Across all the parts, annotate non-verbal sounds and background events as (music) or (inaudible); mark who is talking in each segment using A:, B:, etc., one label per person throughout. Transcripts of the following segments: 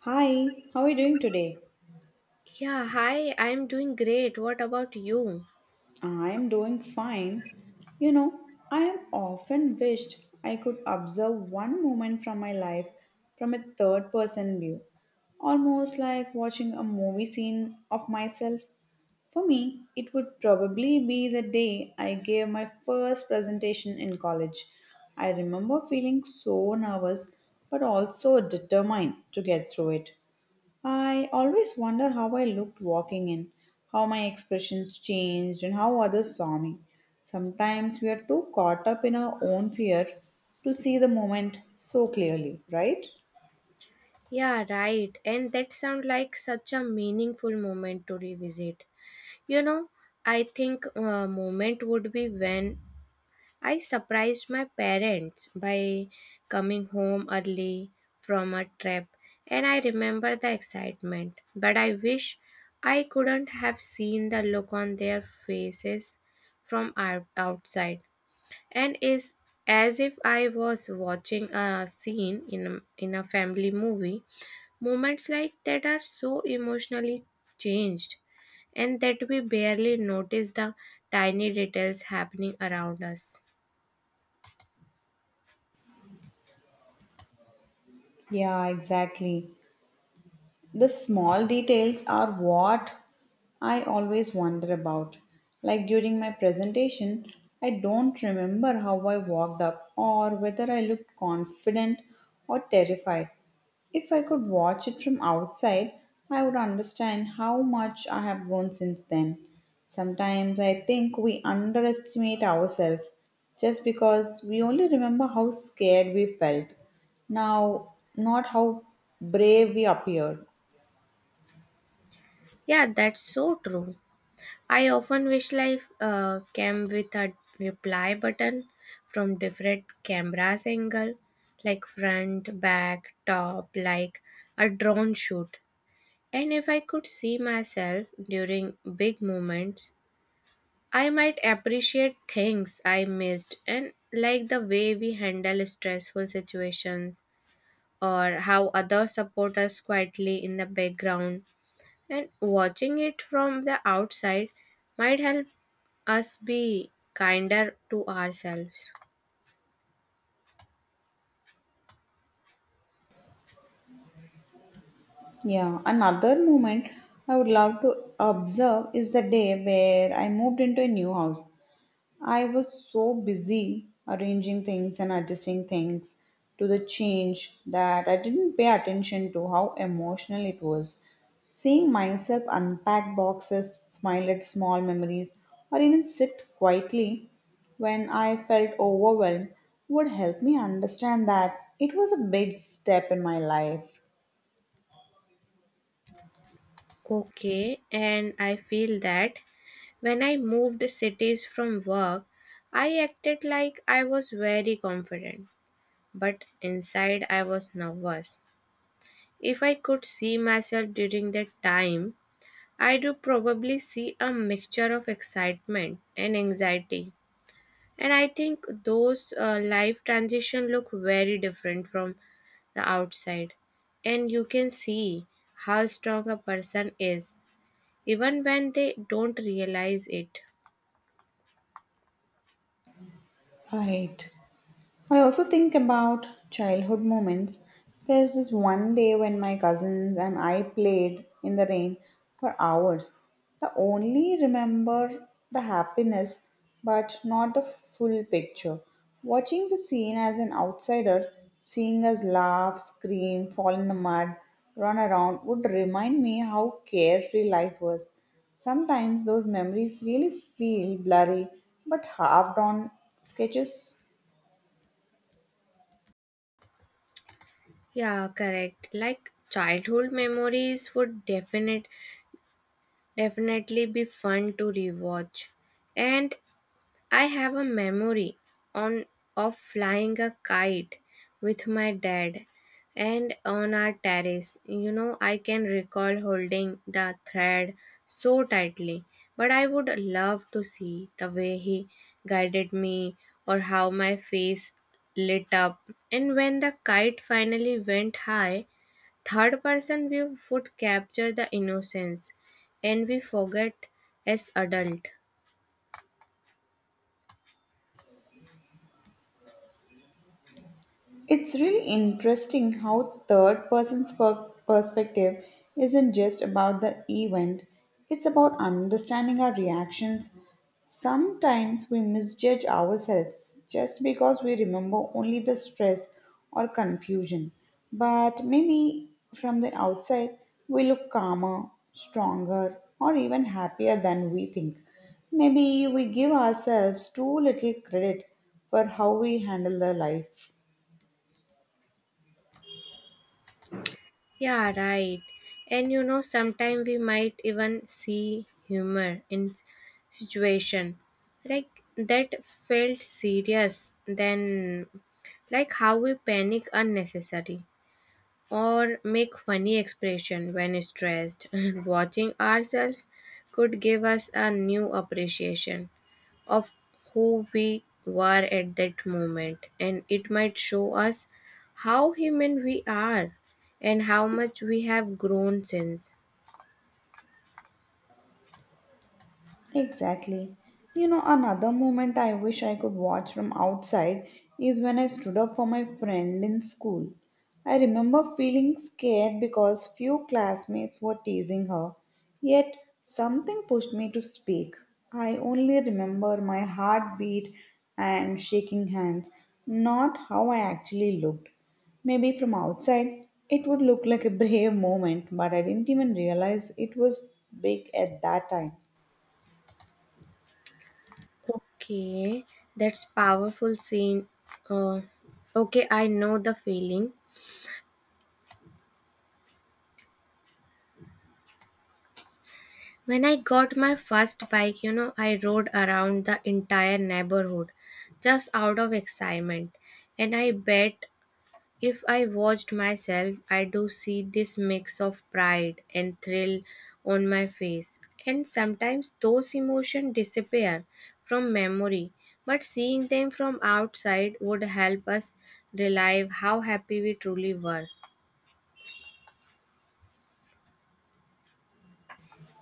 A: Hi, how are you doing today?
B: Yeah, hi, I'm doing great. What about you?
A: I'm doing fine. You know, I have often wished I could observe one moment from my life from a third person view, almost like watching a movie scene of myself. For me, it would probably be the day I gave my first presentation in college. I remember feeling so nervous but also determined to get through it. I always wonder how I looked walking in, how my expressions changed, and how others saw me. Sometimes we are too caught up in our own fear to see the moment so clearly, right?
B: Yeah, right. And that sounds like such a meaningful moment to revisit. You know, I think a moment would be when I surprised my parents by coming home early from a trip, and I remember the excitement. But I wish I couldn't have seen the look on their faces from outside, and is as if I was watching a scene in a family movie. Moments like that are so emotionally changed, and that we barely notice the tiny details happening around us.
A: Yeah, exactly. The small details are what I always wonder about. Like during my presentation, I don't remember how I walked up or whether I looked confident or terrified. If I could watch it from outside, I would understand how much I have grown since then. Sometimes I think we underestimate ourselves just because we only remember how scared we felt, now, not how brave we appeared.
B: Yeah, that's so true. I often wish life came with a reply button from different cameras angle, like front, back, top, like a drone shoot. And if I could see myself during big moments, I might appreciate things I missed and like the way we handle stressful situations or how others support us quietly in the background. And watching it from the outside might help us be kinder to ourselves.
A: Yeah, another moment I would love to observe is the day where I moved into a new house. I was so busy arranging things and adjusting things to the change that I didn't pay attention to how emotional it was. Seeing myself unpack boxes, smile at small memories, or even sit quietly when I felt overwhelmed would help me understand that it was a big step in my life.
B: Okay, and I feel that when I moved cities from work, I acted like I was very confident but inside I was nervous. If I could see myself during that time, I do probably see a mixture of excitement and anxiety. And I think those life transition look very different from the outside. And you can see how strong a person is even when they don't realize it.
A: Right. I also think about childhood moments. There's this one day when my cousins and I played in the rain for hours. I only remember the happiness, but not the full picture. Watching the scene as an outsider, seeing us laugh, scream, fall in the mud, run around would remind me how carefree life was. Sometimes those memories really feel blurry but halved on sketches.
B: Yeah, correct. Like childhood memories would definitely be fun to rewatch. And I have a memory on of flying a kite with my dad and on our terrace. You know, I can recall holding the thread so tightly, but I would love to see the way he guided me or how my face lit up. And when the kite finally went high, third person view would capture the innocence and we forget as adult.
A: It's really interesting how perspective isn't just about the event, it's about understanding our reactions. Sometimes we misjudge ourselves just because we remember only the stress or confusion. But maybe from the outside, we look calmer, stronger, or even happier than we think. Maybe we give ourselves too little credit for how we handle the life.
B: Yeah, right. And you know, sometimes we might even see humor in situation like that felt serious then, like how we panic unnecessary or make funny expression when stressed (laughs) and watching ourselves could give us a new appreciation of who we were at that moment, and it might show us how human we are and how much we have grown since.
A: Exactly. Another moment I wish I could watch from outside is when I stood up for my friend in school. I remember feeling scared because few classmates were teasing her, yet something pushed me to speak. I only remember my heartbeat and shaking hands, not how I actually looked. Maybe from outside, it would look like a brave moment, but I didn't even realize it was big at that time.
B: Okay, that's powerful scene. Uh, okay, I know the feeling. When I got my first bike, you know, I rode around the entire neighborhood just out of excitement. And I bet if I watched myself, I do see this mix of pride and thrill on my face. And sometimes those emotions disappear from memory, but seeing them from outside would help us relive how happy we truly were.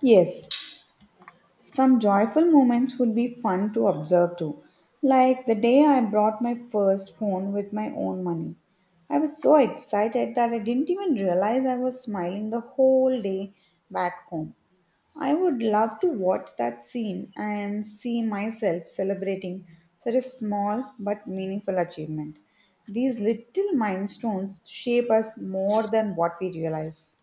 A: Yes, some joyful moments would be fun to observe too, like the day I brought my first phone with my own money. I was so excited that I didn't even realize I was smiling the whole day back home. I would love to watch that scene and see myself celebrating such a small but meaningful achievement. These little milestones shape us more than what we realize.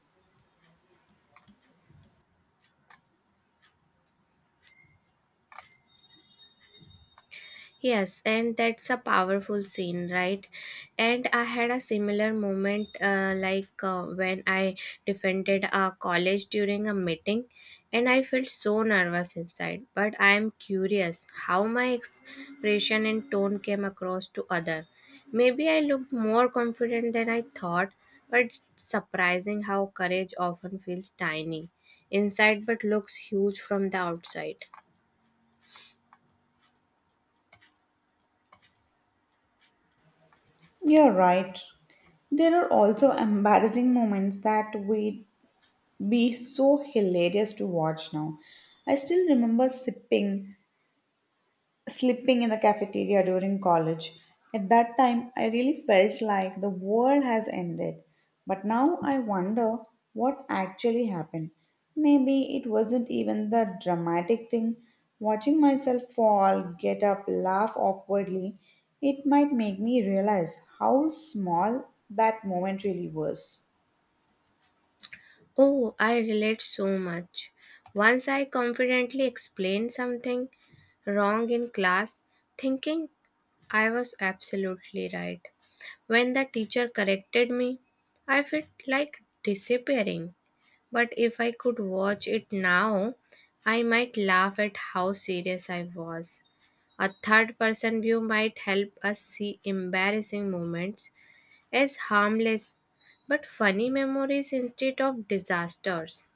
B: Yes, and that's a powerful scene, right? And I had a similar moment, like when I defended a college during a meeting, and I felt so nervous inside. But I am curious how my expression and tone came across to other. Maybe I looked more confident than I thought, but surprising how courage often feels tiny inside but looks huge from the outside.
A: You're right. There are also embarrassing moments that would be so hilarious to watch now. I still remember sipping slipping in the cafeteria during college. At that time, I really felt like the world has ended. But now I wonder what actually happened. Maybe it wasn't even the dramatic thing. Watching myself fall, get up, laugh awkwardly, it might make me realize how small that moment really was.
B: Oh, I relate so much. Once I confidently explained something wrong in class, thinking I was absolutely right. When the teacher corrected me, I felt like disappearing. But if I could watch it now, I might laugh at how serious I was. A third person view might help us see embarrassing moments as harmless but funny memories instead of disasters.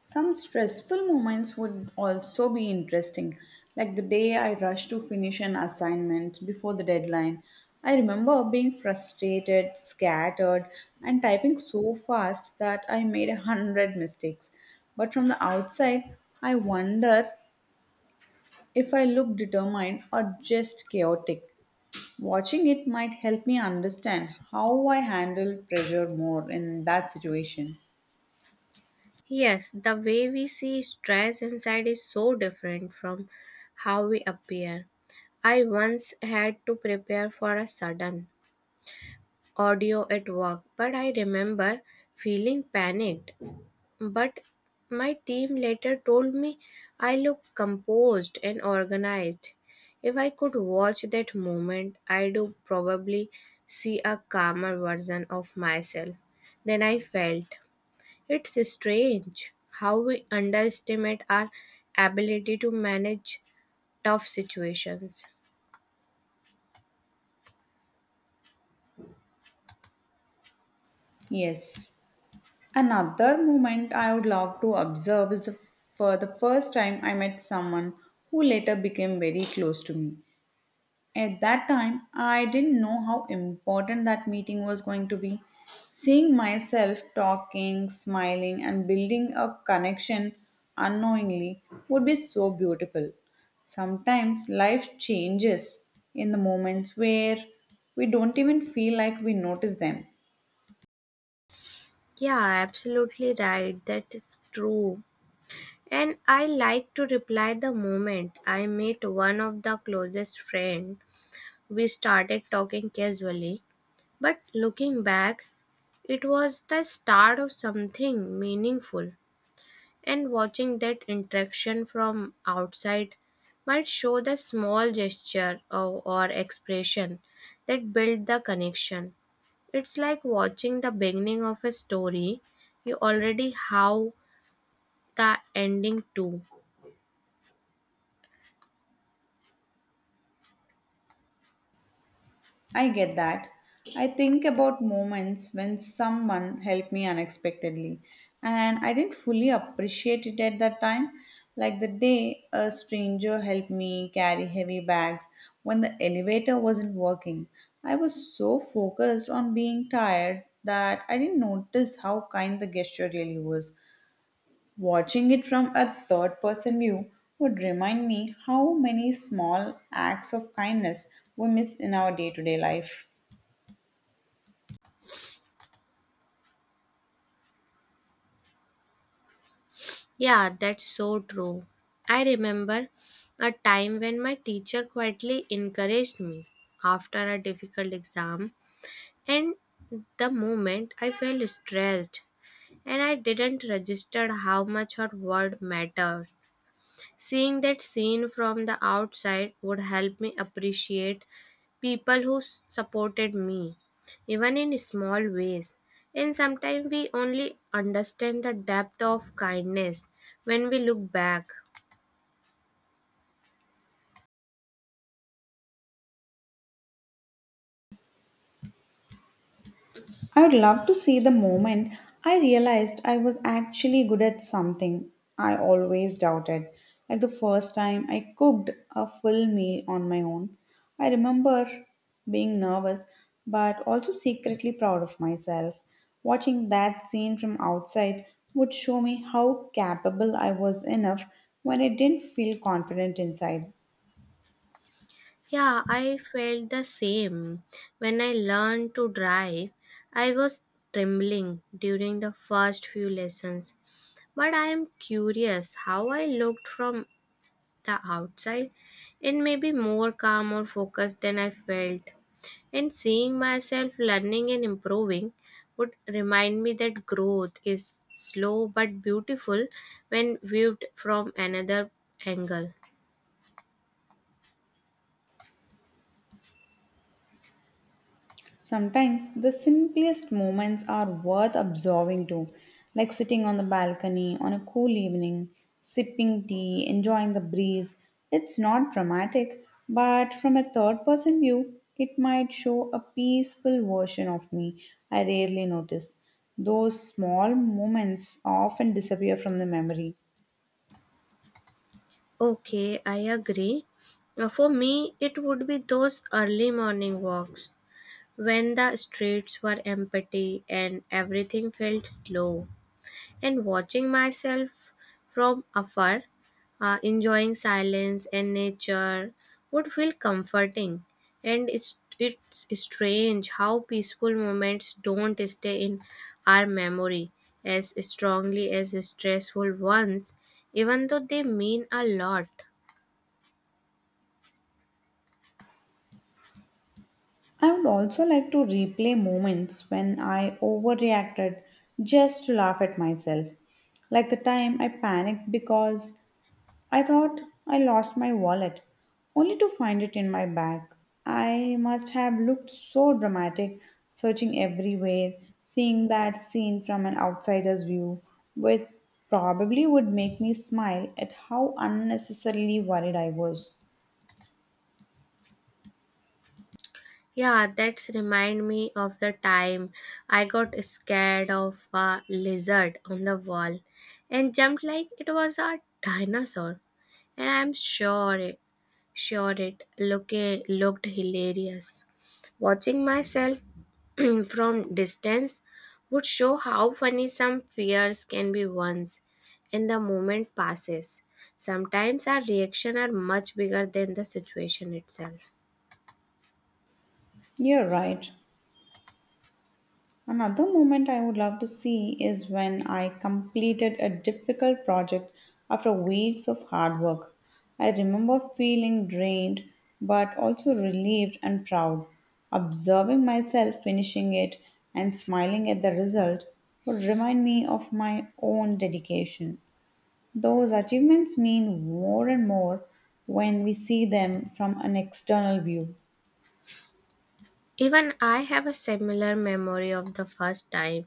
A: Some stressful moments would also be interesting, like the day I rushed to finish an assignment before the deadline. I remember being frustrated, scattered, and typing so fast that I made a hundred mistakes. But from the outside, I wonder if I look determined or just chaotic. Watching it might help me understand how I handle pressure more in that situation.
B: Yes, the way we see stress inside is so different from how we appear. I once had to prepare for a sudden audio at work, but I remember feeling panicked. But my team later told me I looked composed and organized. If I could watch that moment, I'd probably see a calmer version of myself than I felt. It's strange how we underestimate our ability to manage tough situations.
A: Yes. Another moment I would love to observe is the, For the first time I met someone who later became very close to me. At that time, I didn't know how important that meeting was going to be. Seeing myself talking, smiling, and building a connection unknowingly would be so beautiful. Sometimes life changes in the moments where we don't even feel like we notice them.
B: Yeah, absolutely right. That is true. And I like to reply the moment I meet one of the closest friends. We started talking casually, but looking back, it was the start of something meaningful, and watching that interaction from outside might show the small gesture or expression that build the connection. It's like watching the beginning of a story you already have the ending too.
A: I get that. I think about moments when someone helped me unexpectedly and I didn't fully appreciate it at that time. Like the day a stranger helped me carry heavy bags when the elevator wasn't working. I was so focused on being tired that I didn't notice how kind the gesture really was. Watching it from a third person view would remind me how many small acts of kindness we miss in our day to day life.
B: Yeah, that's so true. I remember a time when my teacher quietly encouraged me after a difficult exam, and the moment I felt stressed and I didn't register how much her word mattered. Seeing that scene from the outside would help me appreciate people who supported me, even in small ways. And sometimes we only understand the depth of kindness when we look back.
A: I would love to see the moment I realized I was actually good at something I always doubted. Like the first time I cooked a full meal on my own, I remember being nervous but also secretly proud of myself. Watching that scene from outside would show me how capable I was enough when I didn't feel confident inside.
B: Yeah, I felt the same. When I learned to drive, I was trembling during the first few lessons. But I am curious how I looked from the outside. It may be more calm or focused than I felt. And seeing myself learning and improving would remind me that growth is slow but beautiful when viewed from another angle.
A: Sometimes the simplest moments are worth absorbing too, like sitting on the balcony on a cool evening, sipping tea, enjoying the breeze. It's not dramatic, but from a third person view, it might show a peaceful version of me I rarely notice. Those small moments often disappear from the memory.
B: Okay, I agree. For me, it would be those early morning walks when the streets were empty and everything felt slow, and watching myself from afar, enjoying silence and nature would feel comforting. And it's strange how peaceful moments don't stay in our memory as strongly as stressful ones, even though they mean a lot.
A: I would also like to replay moments when I overreacted just to laugh at myself, like the time I panicked because I thought I lost my wallet, only to find it in my bag. I must have looked so dramatic, searching everywhere, seeing that scene from an outsider's view, which probably would make me smile at how unnecessarily worried I was.
B: Yeah, that's remind me of the time I got scared of a lizard on the wall and jumped like it was a dinosaur. And I'm sure it looked hilarious. Watching myself (clears throat) from distance would show how funny some fears can be once and the moment passes. Sometimes our reaction are much bigger than the situation itself.
A: You're right. Another moment I would love to see is when I completed a difficult project after weeks of hard work. I remember feeling drained but also relieved and proud. Observing myself finishing it and smiling at the result would remind me of my own dedication. Those achievements mean more and more when we see them from an external view.
B: Even I have a similar memory of the first time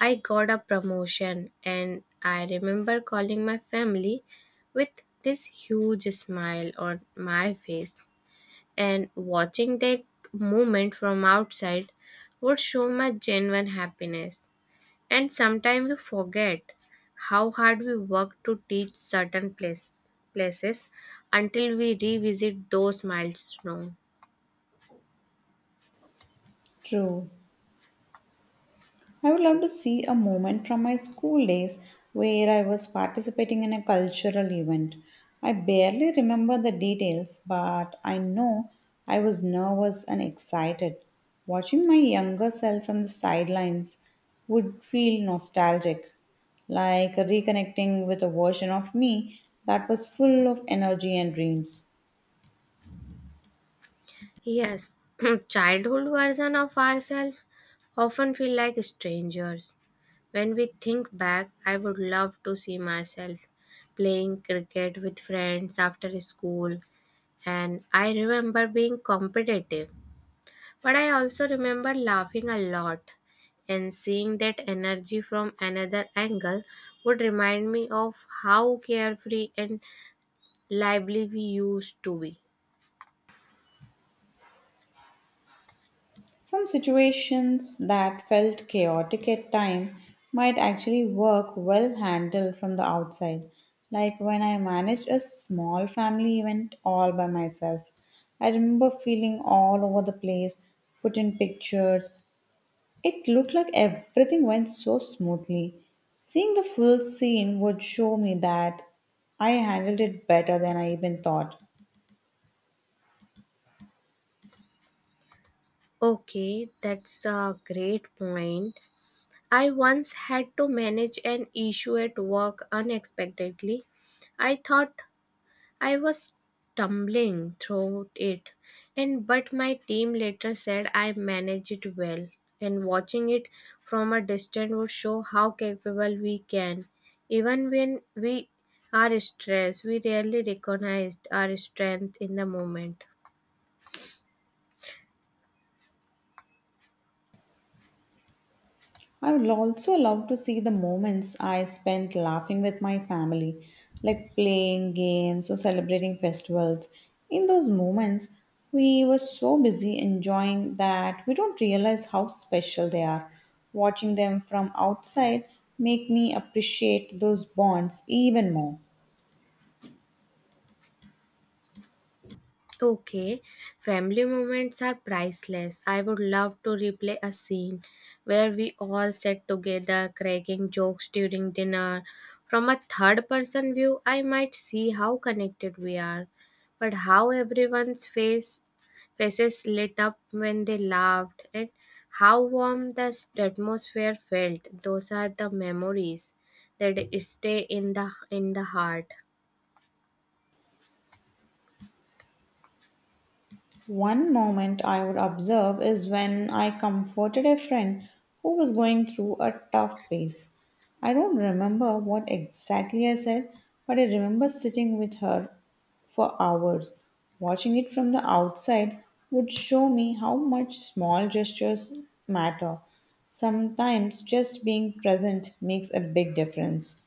B: I got a promotion, and I remember calling my family with this huge smile on my face. And watching that moment from outside would show my genuine happiness. And sometimes we forget how hard we work to teach certain places until we revisit those milestones.
A: True. I would love to see a moment from my school days where I was participating in a cultural event. I barely remember the details, but I know I was nervous and excited. Watching my younger self from the sidelines would feel nostalgic, like reconnecting with a version of me that was full of energy and dreams.
B: Yes, (clears throat) childhood version of ourselves often feel like strangers. When we think back, I would love to see myself playing cricket with friends after school, and I remember being competitive. But I also remember laughing a lot, and seeing that energy from another angle would remind me of how carefree and lively we used to be.
A: Some situations that felt chaotic at time might actually work well handled from the outside, like when I managed a small family event all by myself. I remember feeling all over the place, put in pictures. It looked like everything went so smoothly. Seeing the full scene would show me that I handled it better than I even thought.
B: Okay, that's a great point. I once had to manage an issue at work unexpectedly. I thought I was stumbling through it, and but my team later said I managed it well. And watching it from a distance would show how capable we can. Even when we are stressed, we rarely recognize our strength in the moment.
A: I would also love to see the moments I spent laughing with my family, like playing games or celebrating festivals. In those moments, we were so busy enjoying that we don't realize how special they are. Watching them from outside make me appreciate those bonds even more.
B: Okay, family moments are priceless. I would love to replay a scene where we all sat together cracking jokes during dinner. From a third person view, I might see how connected we are, but how everyone's faces lit up when they laughed and how warm the atmosphere felt. Those are the memories that stay in the heart.
A: One moment I would observe is when I comforted a friend who was going through a tough phase. I don't remember what exactly I said, but I remember sitting with her for hours. Watching it from the outside would show me how much small gestures matter. Sometimes just being present makes a big difference.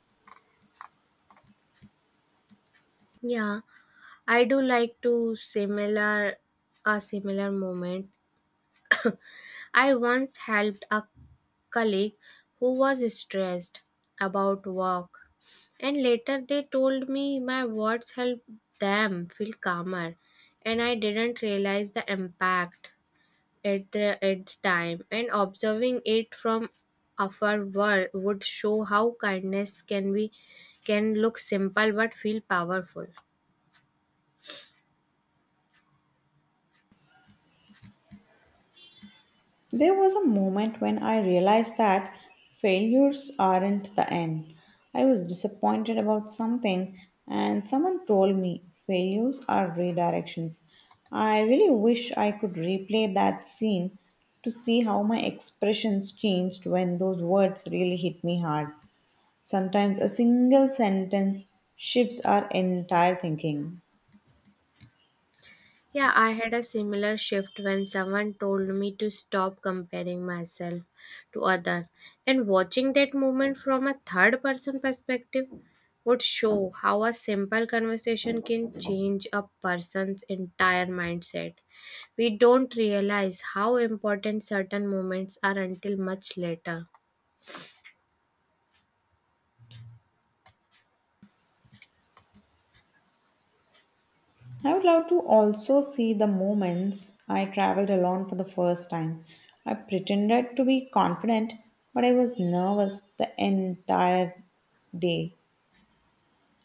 B: Yeah. I do like to similar a similar moment. I once helped a colleague who was stressed about work, and later they told me my words helped them feel calmer, and I didn't realize the impact at the time, and observing it from afar would show how kindness can look simple but feel powerful.
A: There was a moment when I realized that failures aren't the end. I was disappointed about something, and someone told me failures are redirections. I really wish I could replay that scene to see how my expressions changed when those words really hit me hard. Sometimes a single sentence shifts our entire thinking.
B: Yeah, I had a similar shift when someone told me to stop comparing myself to other, and watching that movement from a third person perspective would show how a simple conversation can change a person's entire mindset. We don't realize how important certain moments are until much later.
A: I would love to also see the moments I traveled alone for the first time. I pretended to be confident, but I was nervous the entire day.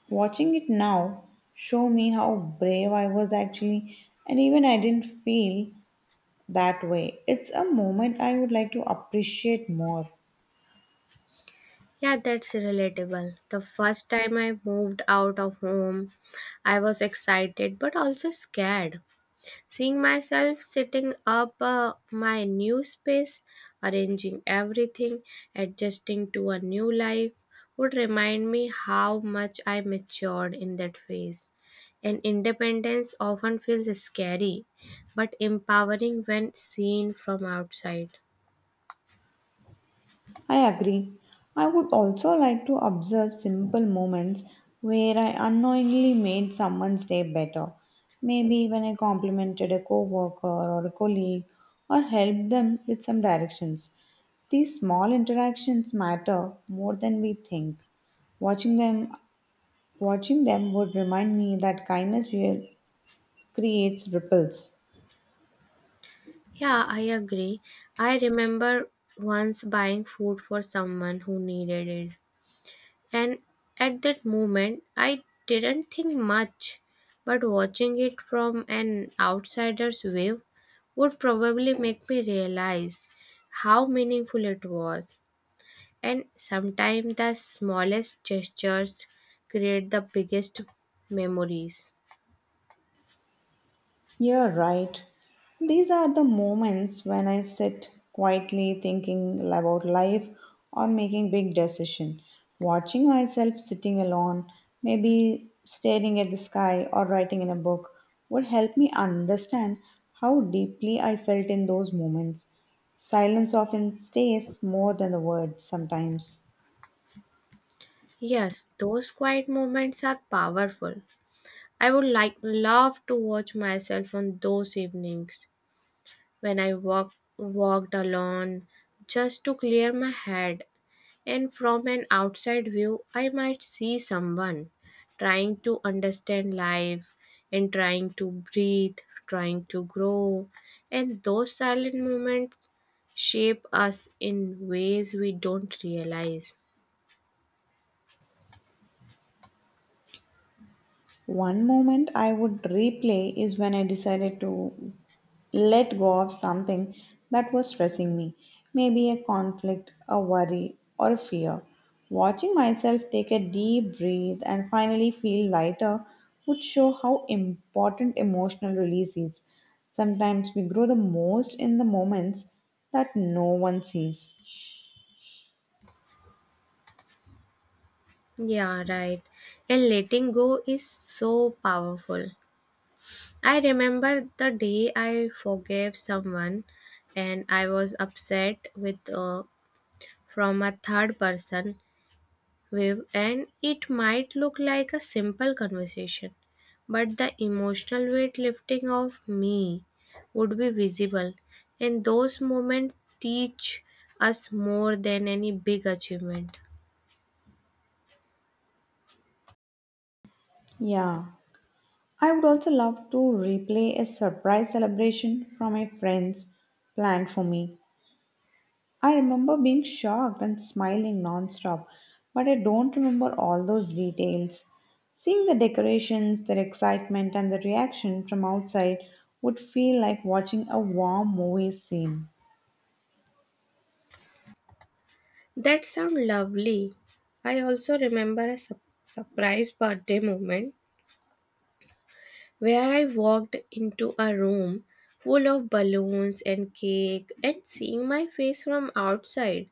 A: Watching it now show me how brave I was actually, and even I didn't feel that way. It's a moment I would like to appreciate more.
B: Yeah, that's relatable. The first time I moved out of home, I was excited but also scared. Seeing myself sitting up my new space, arranging everything, adjusting to a new life would remind me how much I matured in that phase. And independence often feels scary but empowering when seen from outside.
A: I agree. I would also like to observe simple moments where I unknowingly made someone's day better. Maybe when I complimented a coworker or a colleague or helped them with some directions. These small interactions matter more than we think. Watching them Watching them would remind me that kindness real creates ripples.
B: Yeah, I agree. I remember once buying food for someone who needed it, and at that moment, I didn't think much, but watching it from an outsider's view would probably make me realize how meaningful it was. And sometimes the smallest gestures create the biggest memories.
A: You're right. These are the moments when I sit quietly thinking about life or making big decision. Watching myself sitting alone, maybe staring at the sky or writing in a book would help me understand how deeply I felt in those moments. Silence often stays more than the words sometimes.
B: Yes, those quiet moments are powerful. I would like love to watch myself on those evenings when I walked alone just to clear my head, and from an outside view, I might see someone trying to understand life and trying to breathe, trying to grow. And those silent moments shape us in ways we don't realize.
A: One moment I would replay is when I decided to let go of something that was stressing me, maybe a conflict, a worry, or a fear. Watching myself take a deep breath and finally feel lighter would show how important emotional release is. Sometimes we grow the most in the moments that no one sees.
B: Yeah, right. And letting go is so powerful. I remember the day I forgave someone and I was upset with from a third person view, and it might look like a simple conversation but the emotional weight lifting of me would be visible, and those moments teach us more than any big achievement.
A: Yeah. I would also love to replay a surprise celebration from my friends planned for me. I remember being shocked and smiling nonstop, but I don't remember all those details. Seeing the decorations, their excitement, and the reaction from outside would feel like watching a warm movie scene.
B: That sounds lovely. I also remember a surprise birthday moment where I walked into a room full of balloons and cake, and seeing my face from outside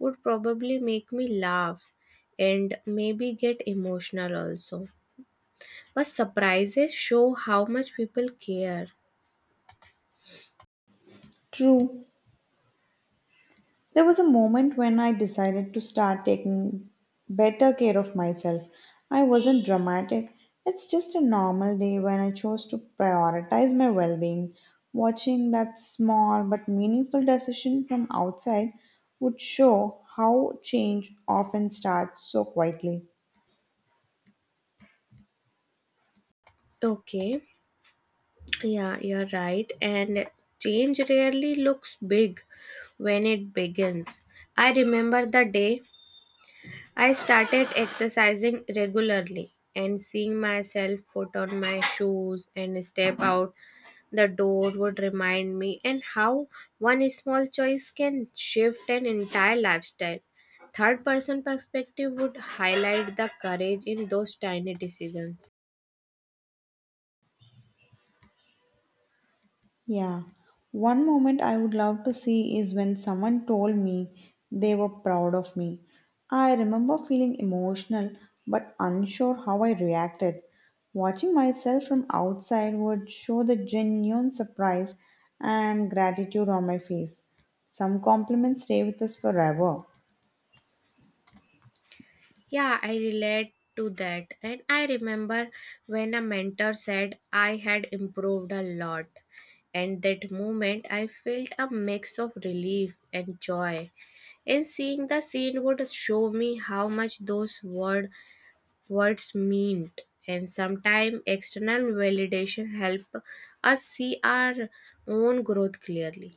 B: would probably make me laugh and maybe get emotional also. But surprises show how much people care.
A: True, there was a moment when I decided to start taking better care of myself. I wasn't dramatic. It's just a normal day when I chose to prioritize my well being. Watching that small but meaningful decision from outside would show how change often starts so quietly.
B: Okay, yeah, you're right. And change rarely looks big when it begins. I remember the day I started exercising regularly, and seeing myself put on my shoes and step out the door would remind me and how one small choice can shift an entire lifestyle. Third person perspective would highlight the courage in those tiny decisions.
A: Yeah. One moment I would love to see is when someone told me they were proud of me. I remember feeling emotional but unsure how I reacted. Watching myself from outside would show the genuine surprise and gratitude on my face. Some compliments stay with us forever.
B: Yeah, I relate to that. And I remember when a mentor said I had improved a lot. And that moment, I felt a mix of relief and joy. And seeing the scene would show me how much words meant. And sometimes external validation help us see our own growth clearly.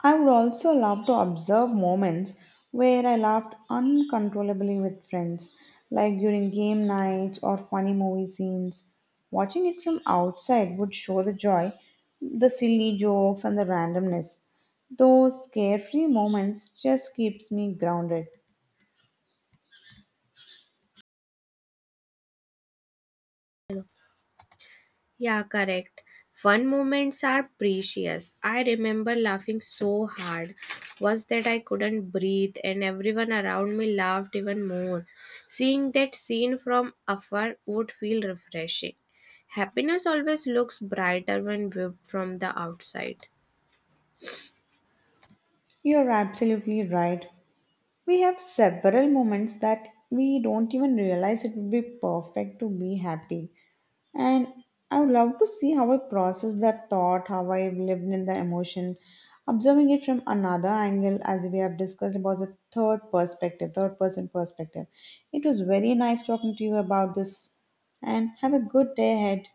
A: I would also love to observe moments where I laughed uncontrollably with friends, like during game nights or funny movie scenes. Watching it from outside would show the joy, the silly jokes, and the randomness. Those carefree moments just keeps me grounded.
B: Yeah, correct. Fun moments are precious. I remember laughing so hard was that I couldn't breathe and everyone around me laughed even more. Seeing that scene from afar would feel refreshing. Happiness always looks brighter when viewed from the outside.
A: You're absolutely right. We have several moments that we don't even realize it would be perfect to be happy. And I would love to see how I process that thought, how I lived in the emotion, observing it from another angle, as we have discussed about the third perspective, third person perspective. It was very nice talking to you about this, and have a good day ahead.